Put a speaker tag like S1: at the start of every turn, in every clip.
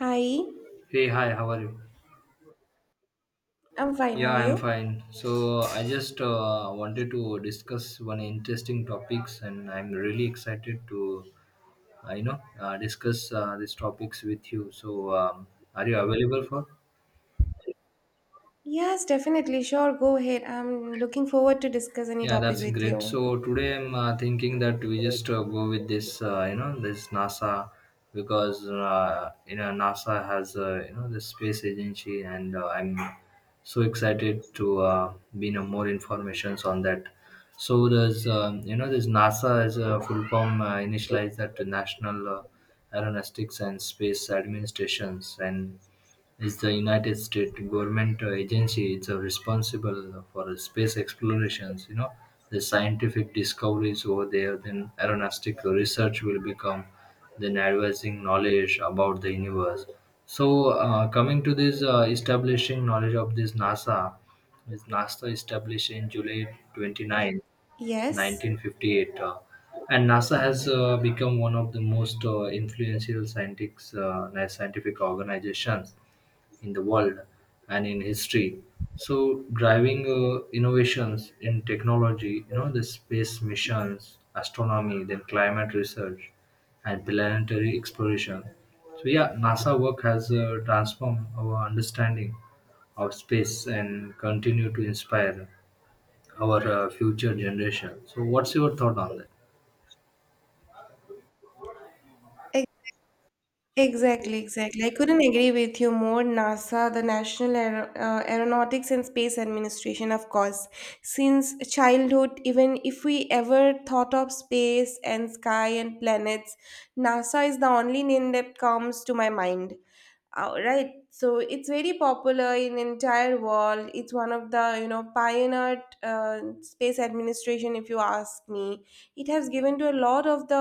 S1: Hi,
S2: Hey, hi, how are you?
S1: I'm fine. How
S2: Yeah,
S1: are
S2: I'm
S1: you?
S2: fine. So I just wanted to discuss one interesting topics, and I'm really excited to, discuss these topics with you. Are you available for?
S1: Yes, definitely. Sure, go ahead. I'm looking forward to discuss any
S2: Yeah,
S1: topic
S2: that's
S1: with
S2: great.
S1: you.
S2: So today I'm thinking that we just go with this, this NASA because you know NASA has you know the space agency, and I'm so excited to be know more informations on that. So there's you know this NASA is a full form initialized that to National Aeronautics and Space Administrations, and is the United States government agency. It's responsible for space explorations. You know, the scientific discoveries over there, then aeronautical research will become, then advancing knowledge about the universe. So, coming to this establishing knowledge of this NASA, is NASA established in July 29.
S1: Yes,
S2: 1958 and nasa has become one of the most influential scientific organizations in the world and in history, so driving innovations in technology, you know, the space missions, astronomy, then climate research and planetary exploration. So yeah, nasa work has transformed our understanding of space and continue to inspire our future generation. So what's your thought on that?
S1: e- exactly. I couldn't agree with you more. NASA, the National Aeronautics and Space Administration, of course. Since childhood, even if we ever thought of space and sky and planets, NASA is the only name that comes to my mind. Oh, right. So it's very popular in entire world. It's one of the pioneered space administration. If you ask me, it has given to a lot of the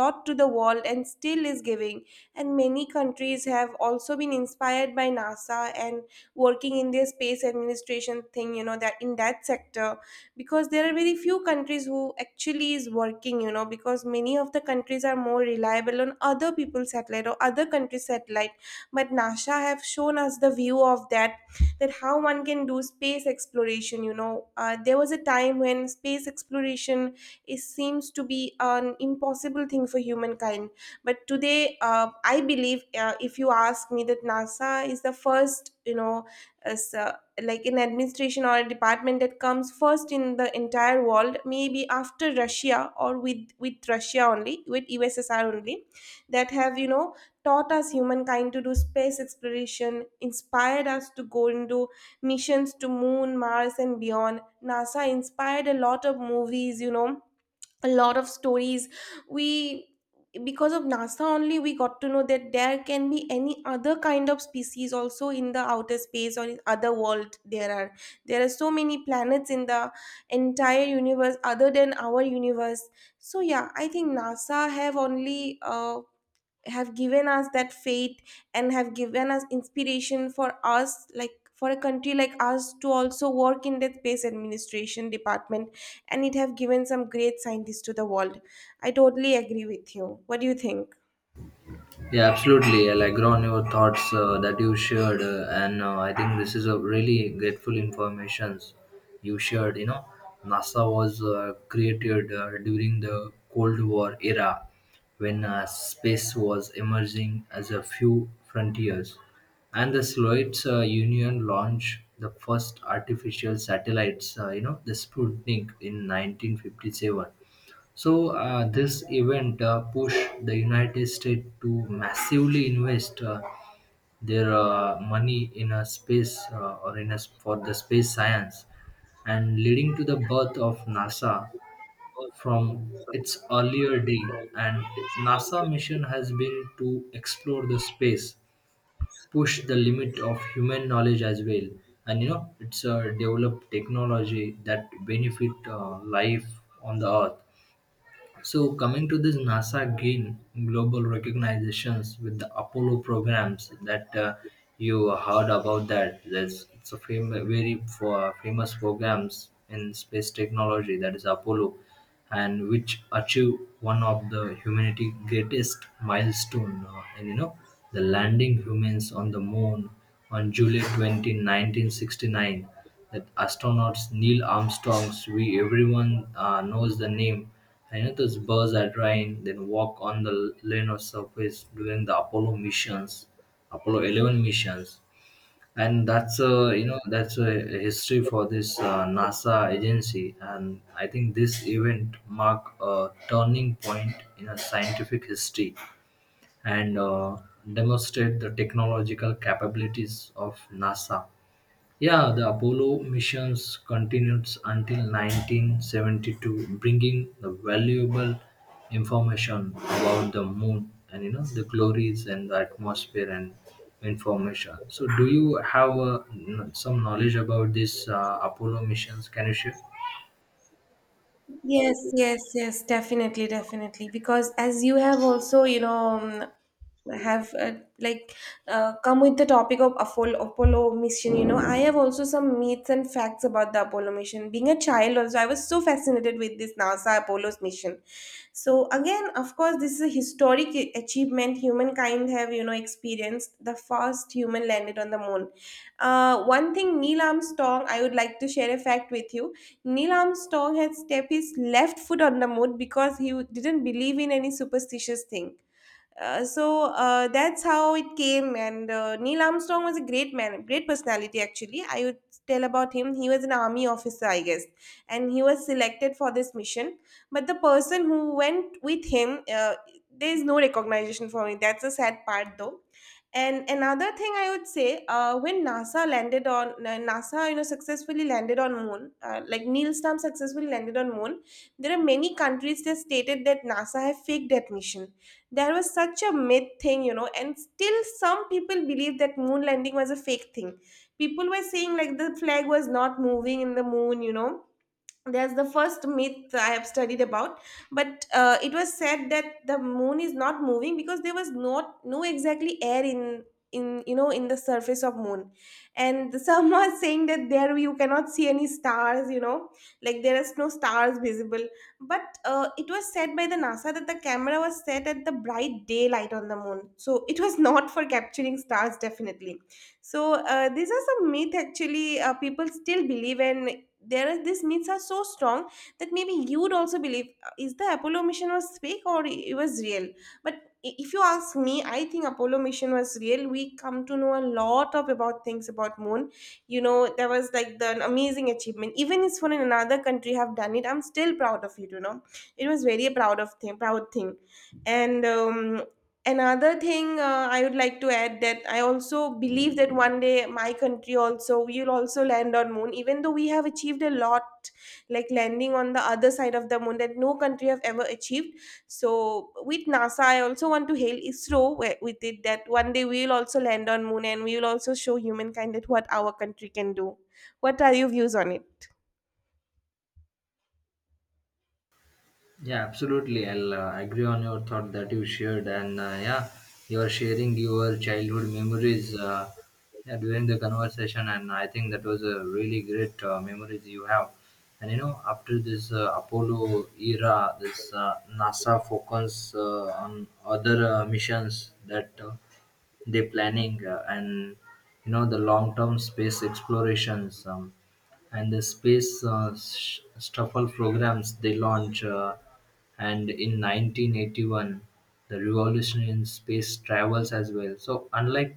S1: lot to the world and still is giving. And many countries have also been inspired by NASA and working in their space administration thing. You know that in that sector, because there are very few countries who actually is working. You know because many of the countries are more reliable on other people's satellite or other countries' satellite, but NASA have shown us the view of that, that how one can do space exploration. There was a time when space exploration is seems to be an impossible thing for humankind, but today I believe if you ask me that NASA is the first, you know as like an administration or a department that comes first in the entire world, maybe after Russia or with Russia only, with USSR only, that have, you know, taught us humankind to do space exploration, inspired us to go into missions to Moon, Mars, and beyond. NASA inspired a lot of movies, you know, a lot of stories. We, because of NASA only, we got to know that there can be any other kind of species also in the outer space or in other world. There are, there are so many planets in the entire universe other than our universe. So yeah, I think NASA have only have given us that faith and have given us inspiration for us, like for a country like us, to also work in the space administration department, and it have given some great scientists to the world. I totally agree with you. What do you think?
S2: Yeah, absolutely. I'll agree on your thoughts that you shared, and I think this is a really grateful information you shared. You know, NASA was created during the Cold War era, when space was emerging as a few frontiers, and the Soviet Union launched the first artificial satellites. You know, the Sputnik in 1957. So, this event pushed the United States to massively invest their money in a space or in a, s- for the space science, and leading to the birth of NASA from its earlier day. And NASA mission has been to explore the space, push the limit of human knowledge as well, and you know it's develop technology that benefit life on the Earth. So coming to this NASA gain global recognitions with the Apollo programs that you heard about that. That's it's a very for famous programs in space technology, that is Apollo, and which achieve one of the humanity greatest milestone, and you know the landing humans on the moon on July 20, 1969, that astronauts Neil Armstrong's "We everyone knows the name" Hiatus burst at Rhine, then walk on the lunar surface during the Apollo missions, Apollo 11 missions, and that's a you know that's a history for this NASA agency, and I think this event marked a turning point in a scientific history and demonstrate the technological capabilities of NASA. Yeah, the Apollo missions continued until 1972, bringing the valuable information about the moon and you know the glories and the atmosphere and information. So, do you have some knowledge about this Apollo missions? Can you share?
S1: Yes, yes, yes, definitely, definitely. Because as you have also, you know, have like come with the topic of Apollo, Apollo mission, you know, I have also some myths and facts about the Apollo mission. Being a child, also, I was so fascinated with this NASA Apollo's mission. So again, of course, this is a historic achievement humankind have, you know, experienced. The first human landed on the moon. One thing, Neil Armstrong, I would like to share a fact with you. Neil Armstrong had stepped his left foot on the moon because he didn't believe in any superstitious thing. That's how it came. And Neil Armstrong was a great man, great personality actually. I would tell about him. He was an army officer, I guess, and he was selected for this mission. But the person who went with him, there is no recognition for me. That's a sad part, though. And another thing I would say, when NASA landed on NASA, you know, successfully landed on Moon, like Neil Armstrong successfully landed on Moon. There are many countries that stated that NASA have faked that mission. There was such a myth thing, you know, and still some people believe that moon landing was a fake thing. People were saying like the flag was not moving in the moon, you know, there's the first myth I have studied about, but it was said that the moon is not moving because there was not no exactly air in, you know, in the surface of moon, and some are saying that there you cannot see any stars, you know, like there is no stars visible. But it was said by the NASA that the camera was set at the bright daylight on the moon, so it was not for capturing stars definitely. So these are some myth actually. People still believe in, there are these myths are so strong that maybe you would also believe is the Apollo mission was fake or it was real. But if you ask me, I think Apollo mission was real. We come to know a lot of about things about moon. You know, there was like the an amazing achievement even if for another country have done it, I'm still proud of it, you know. It was very proud of thing, proud thing. And Another thing, I would like to add that I also believe that one day my country also will also land on moon, even though we have achieved a lot, like landing on the other side of the moon that no country have ever achieved. So with NASA I also want to hail ISRO with it, that one day we will also land on moon and we will also show humankind that what our country can do. What are your views on it?
S2: Yeah, absolutely. I'll agree on your thought that you shared, and you are sharing your childhood memories yeah, during the conversation, and I think that was a really great memories you have. And you know, after this Apollo era, this NASA focus on other missions that the planning and you know the long term space explorations, and the space shuffle programs they launch and in 1981, the revolution in space travels as well. So unlike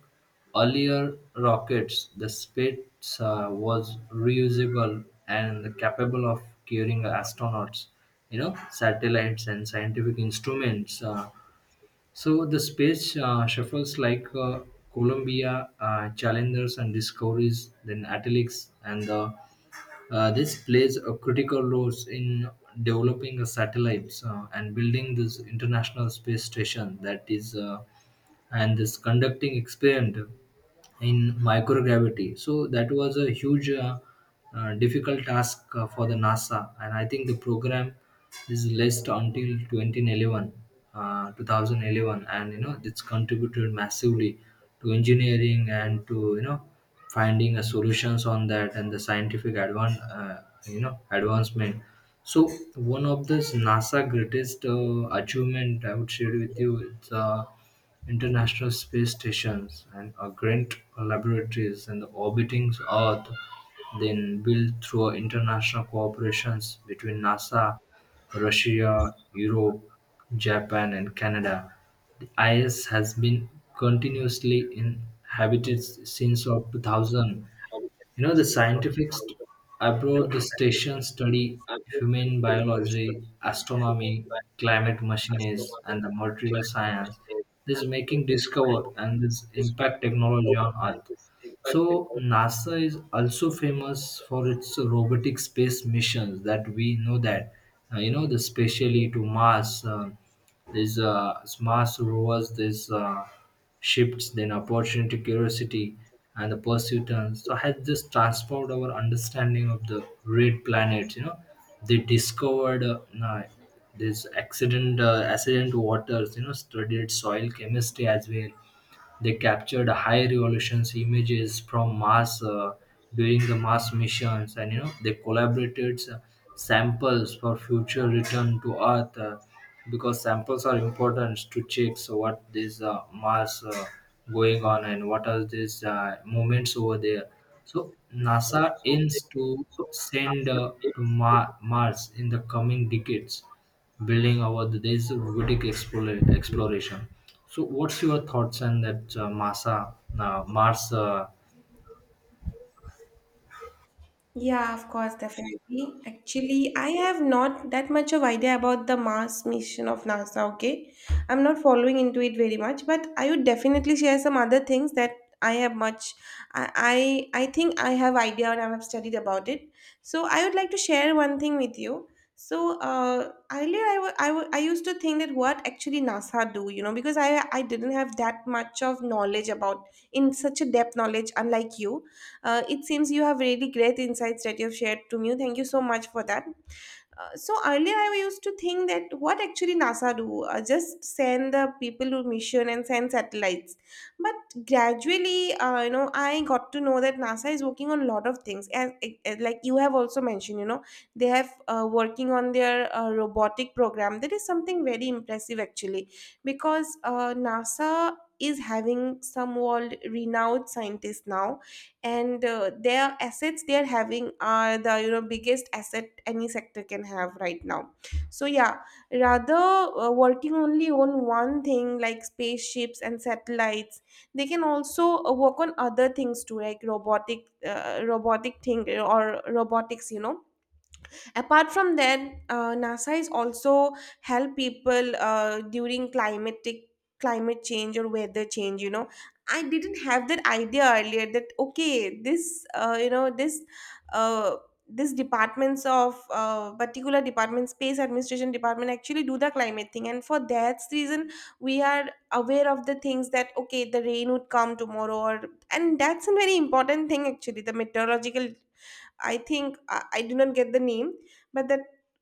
S2: earlier rockets, the space was reusable and capable of carrying astronauts, you know, satellites and scientific instruments. So the space shuffles like Columbia, Challengers, and Discoveries, then Atelics, and this plays a critical role in developing a satellites and building this international space station, that is and this conducting experiment in microgravity. So that was a huge, difficult task for the NASA, and I think the program is list until 2011, 2011, and you know it's contributed massively to engineering and to you know finding a solutions on that and the scientific you know advancement. So one of the NASA greatest achievement I would share with you is. International Space stations and Grant Laboratories and the orbiting Earth, then built through international cooperations between NASA, Russia, Europe, Japan and Canada. The ISS has been continuously inhabited since of 2000. You know, the scientifics abroad the station study human biology, astronomy, climate machines, and the material science. This making discover and this impact technology on Earth. So NASA is also famous for its robotic space missions that we know that you know the specially to Mars. There's Mars rovers, there's shifts, then Opportunity, Curiosity, and the Perseverance. So has just transformed our understanding of the red planet. You know, they discovered this accident, accident waters. You know, studied soil chemistry as well, they captured high resolutions images from Mars during the Mars missions, and you know they collaborated samples for future return to Earth because samples are important to check, so what is Mars going on and what are these movements over there. So NASA aims to send Mars in the coming decades, building over the days of Vedic exploration. So, what's your thoughts on that Mars
S1: Yeah, of course, definitely. Actually, I have not that much of idea about the Mars mission of NASA, okay? I'm not following into it very much, but I would definitely share some other things that I have much. I think I have idea and I have studied about it. So I would like to share one thing with you. So earlier I used to think that what actually NASA do, you know, because I didn't have that much of knowledge about, in such a depth knowledge unlike you. It seems you have really great insights that you've shared to me. Thank you so much for that. So earlier I used to think that what actually NASA do, just send the people to mission and send satellites. But gradually, you know, I got to know that NASA is working on a lot of things. As like you have also mentioned, you know, they have working on their robotic program. That is something very impressive actually, because NASA is having some world renowned scientists now, and their assets they are having are the, you know, biggest asset any sector can have right now. So yeah, rather working only on one thing like spaceships and satellites, they can also work on other things too, like robotic thing or robotics, you know. Apart from that, NASA is also help people during climatic, climate change or weather change, you know. I didn't have that idea earlier that okay this, this uh, this departments of particular department, space administration department, actually do the climate thing, and for that reason we are aware of the things that okay the rain would come tomorrow or, and that's a very important thing actually. The meteorological, I think I do not get the name, but that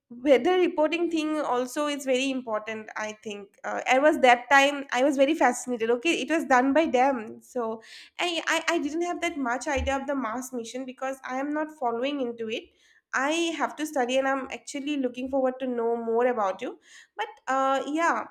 S1: weather reporting thing also is very important. I think I was that time I was very fascinated. Okay, it was done by them, so I didn't have that much idea of the Mars mission because I am not following into it. I have to study, and I'm actually looking forward to know more about you. But yeah,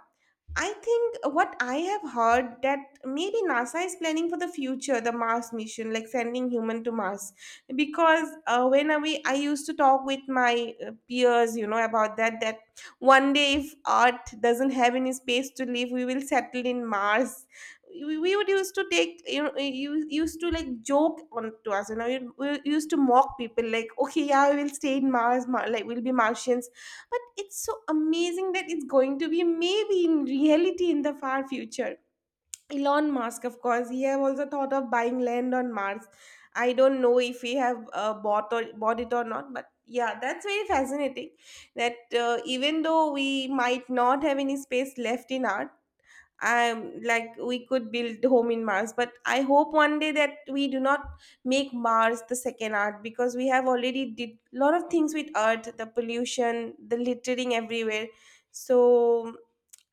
S1: I think what I have heard that maybe NASA is planning for the future, the Mars mission, like sending human to Mars. Because I used to talk with my peers, you know, about that, that one day if Earth doesn't have any space to live, we will settle in Mars. We would used to take, you know, you used to like joke on to us, you know, we used to mock people like, okay, yeah, we will stay in Mars, like we'll be Martians, but it's so amazing that it's going to be maybe in reality in the far future. Elon Musk, of course, he have also thought of buying land on Mars. I don't know if he have bought or bought it or not, but yeah, that's very fascinating. That even though we might not have any space left in Earth, I'm like we could build home in Mars, but I hope one day that we do not make Mars the second Earth, because we have already did a lot of things with Earth, the pollution, the littering everywhere. So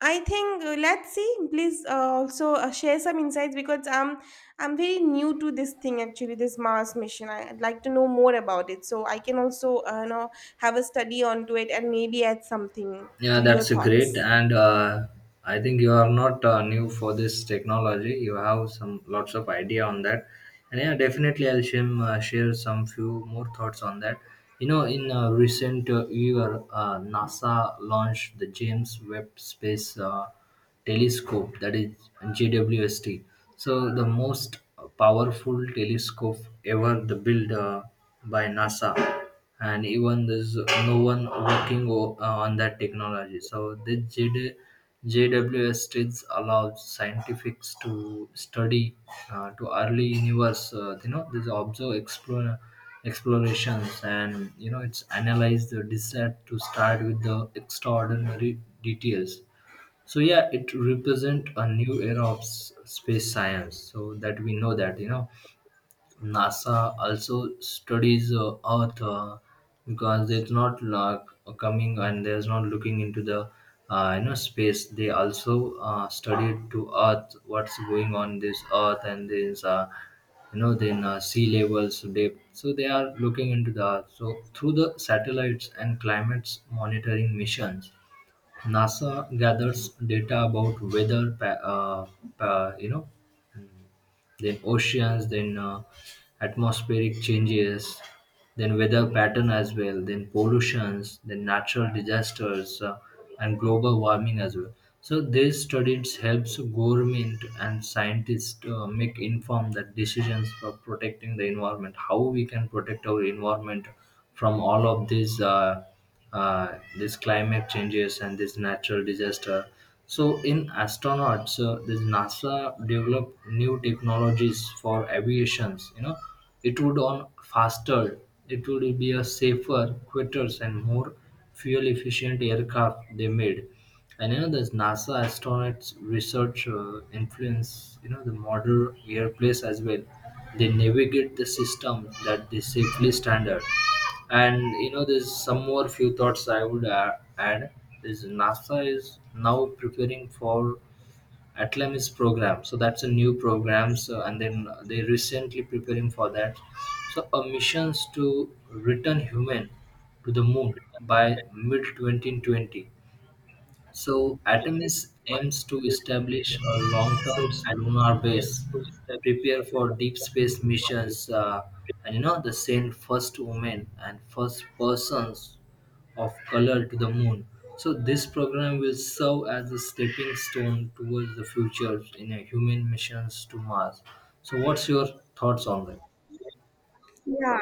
S1: I think, let's see. Please also share some insights because I'm very new to this thing actually, this Mars mission. I, would like to know more about it, so I can also, have a study onto it and maybe add something
S2: Yeah,
S1: to your
S2: that's a great.
S1: thoughts.
S2: And I think you are not new for this technology. You have some lots of idea on that. And yeah, definitely I'll share some few more thoughts on that. You know, in recent year, NASA launched the James Webb Space Telescope, that is JWST. So the most powerful telescope ever the built by NASA, and even there's no one working on that technology. So the JD, states allows scientists to study to early universe. You know, this observe explore explorations, and you know it's analyze the desire to start with the extraordinary details. So yeah, it represent a new era of space science. So that we know that you know NASA also studies Earth because it's not like coming and there's not looking into the you know space. They also study to Earth what's going on this Earth, and there's you know then sea levels depth. So they are looking into the Earth. So through the satellites and climate's monitoring missions, NASA gathers data about weather, you know then oceans, then atmospheric changes, then weather pattern as well, then pollutions, then natural disasters, and global warming as well. So these studies helps government and scientists make informed that decisions for protecting the environment. How we can protect our environment from all of these climate changes and this natural disaster. So in astronauts, this NASA developed new technologies for aviations. You know, it would on faster, it would be a safer, quicker, and more fuel efficient aircraft they made. And you know, this NASA astronauts research influence you know the modern airplanes as well. They navigate the system that they safely standard, and you know there's some more few thoughts I would add is nasa is now preparing for atlamis program. So that's a new program, so and then they recently preparing for that, so a missions to return human to the moon by mid 2020. So, Artemis aims to establish a long term lunar base, prepare for deep space missions, and you know, the send first women and first persons of color to the moon. So, this program will serve as a stepping stone towards the future in a human missions to Mars. So, what's your thoughts on that?
S1: Yeah,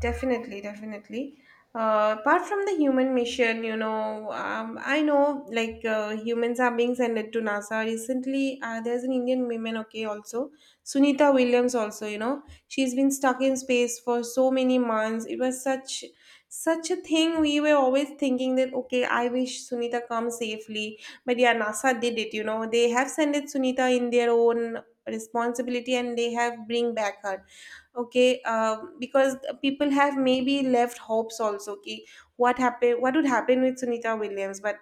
S1: definitely, definitely. Apart from the human mission, you know, I know humans are being sent to NASA recently. There's an Indian woman, okay, also Sunita Williams, also, you know, she's been stuck in space for so many months. It was such a thing. We were always thinking that okay, I wish Sunita comes safely, but yeah, NASA did it. You know, they have sent it Sunita in their own responsibility, and they have bring back her. Okay, because people have maybe left hopes also. Okay, what happened, what would happen with Sunita Williams? But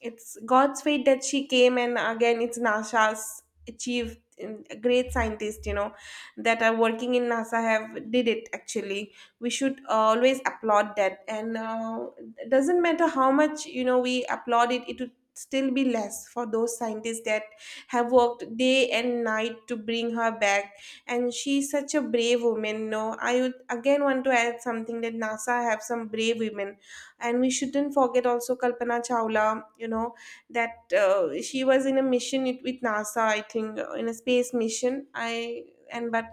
S1: it's God's fate that she came, and again it's NASA's achieved. Great scientists, you know, that are working in NASA have did it actually. We should always applaud that, and it doesn't matter how much you know we applaud it, it would still be less for those scientists that have worked day and night to bring her back. And she's such a brave woman. No, I would again want to add something, that NASA have some brave women, and we shouldn't forget also Kalpana Chawla, you know, that she was in a mission it- with NASA, I think, in a space mission, I. And but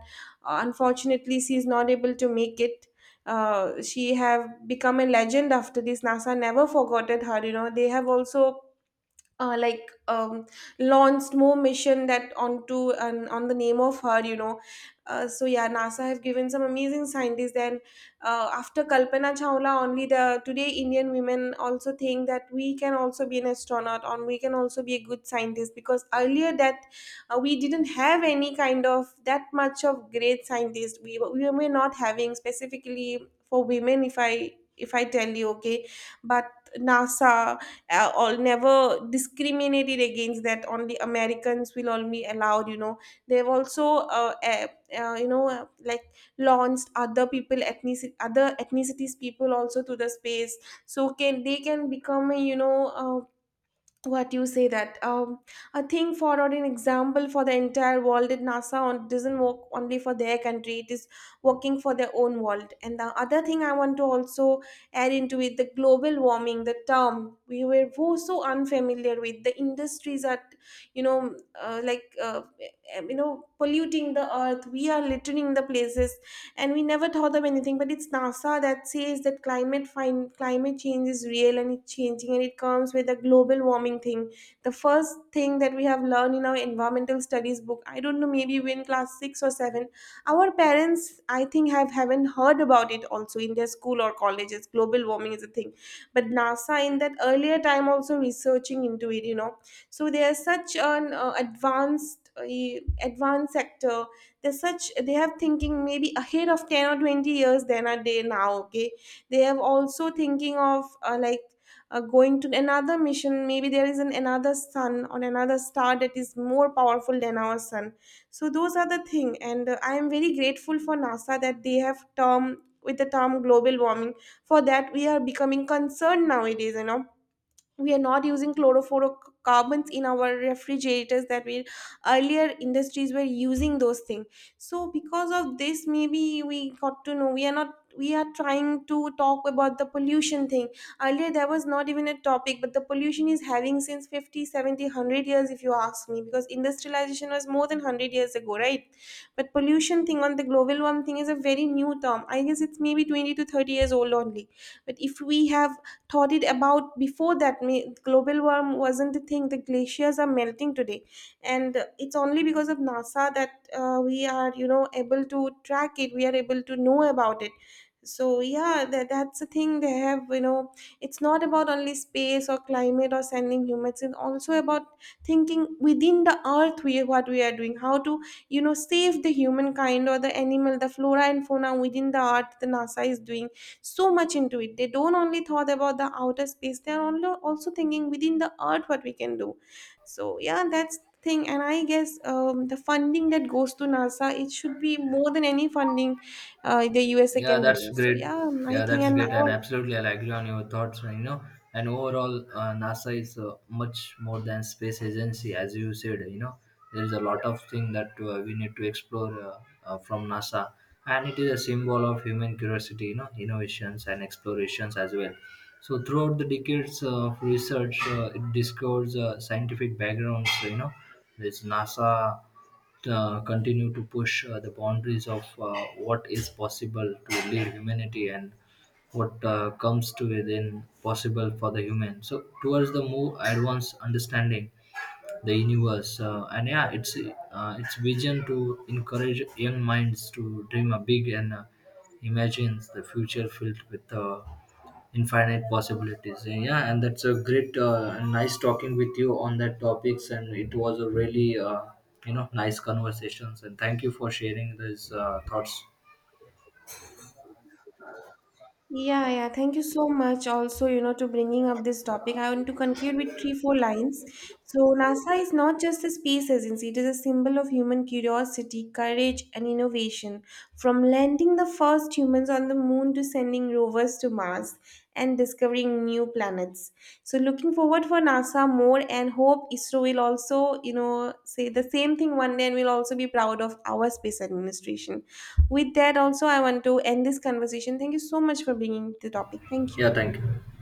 S1: unfortunately she is not able to make it. She have become a legend after this. NASA never forgotten her, you know, they have also uh, like um, launched more mission that onto and on the name of her, you know. So yeah, NASA have given some amazing scientists. And after Kalpana Chawla only the today Indian women also think that we can also be an astronaut or we can also be a good scientist. Because earlier that we didn't have any kind of that much of great scientist, we were not having specifically for women, if I tell you, okay. But NASA all never discriminated against that only Americans will only allowed, you know. They've also uh, you know uh, like launched other people ethnic other ethnicities people also to the space. So can they can become a, you know what you say that a thing for or an example for the entire world, that NASA on, doesn't work only for their country, it is working for their own world. And the other thing I want to also add into it, the global warming, the term we were so unfamiliar with. The industries are, you know, uh, like uh, polluting the earth, we are littering the places, and we never thought of anything. But it's NASA that says that climate change is real and it's changing, and it comes with a global warming thing. The first thing that we have learned in our environmental studies book, I don't know, maybe we in class 6 or 7. Our parents, I think, have haven't heard about it also in their school or colleges, global warming is a thing. But NASA in that earlier time also researching into it, you know. So they are such an advanced sector. They're such they have thinking maybe ahead of 10 or 20 years than are they now, okay. They have also thinking of going to another mission. Maybe there is an another sun on another star that is more powerful than our sun. So those are the thing. And I am very grateful for NASA, that they have term with the term global warming, for that we are becoming concerned nowadays, you know. We are not using chlorofluorocarbons in our refrigerators that we, earlier industries were using those things. So because of this, maybe we got to know. We are not, we are trying to talk about the pollution thing. Earlier there was not even a topic, but the pollution is having since 50, seventy, one hundred years, if you ask me, because industrialization was more than 100 years ago, right? But pollution thing on the global warming thing is a very new term, I guess. It's maybe 20 to 30 years old only. But if we have thought it about before that, global warm wasn't the thing. The glaciers are melting today, and it's only because of NASA that we are, you know, able to track it, we are able to know about it. So yeah, that's the thing they have, you know. It's not about only space or climate or sending humans, it's also about thinking within the earth, we what we are doing, how to, you know, save the humankind or the animal, the flora and fauna within the earth. The NASA is doing so much into it. They don't only thought about the outer space, they're only also thinking within the earth what we can do. So yeah, that's the thing. And I guess the funding that goes to NASA, it should be more than any funding the USA
S2: Yeah,
S1: can
S2: that's
S1: do. So
S2: great.
S1: yeah, I
S2: Yeah,
S1: think
S2: that's
S1: and
S2: great, and
S1: our.
S2: absolutely, I agree on your thoughts. You know, and overall, NASA is much more than space agency, as you said. You know, there is a lot of thing that we need to explore from NASA, and it is a symbol of human curiosity. You know, innovations and explorations as well. So throughout the decades of research, it discovers scientific backgrounds. You know, there's NASA continue to push the boundaries of what is possible to lead humanity and what comes to within possible for the human. So, towards the more advanced understanding the universe and yeah it's its vision to encourage young minds to dream a big and imagine the future filled with infinite possibilities. And yeah, and that's a great and nice talking with you on that topics, and it was a really you know nice conversations, and thank you for sharing these thoughts.
S1: Yeah, yeah. Thank you so much also, you know, to bringing up this topic. I want to conclude with three, four lines. So, NASA is not just a space agency, it is a symbol of human curiosity, courage, and innovation. From landing the first humans on the moon to sending rovers to Mars, and discovering new planets. So looking forward for NASA more, and hope ISRO will also, you know, say the same thing one day, and we'll also be proud of our space administration. With that also I want to end this conversation. Thank you so much for bringing the topic. Thank you.
S2: Yeah, thank you.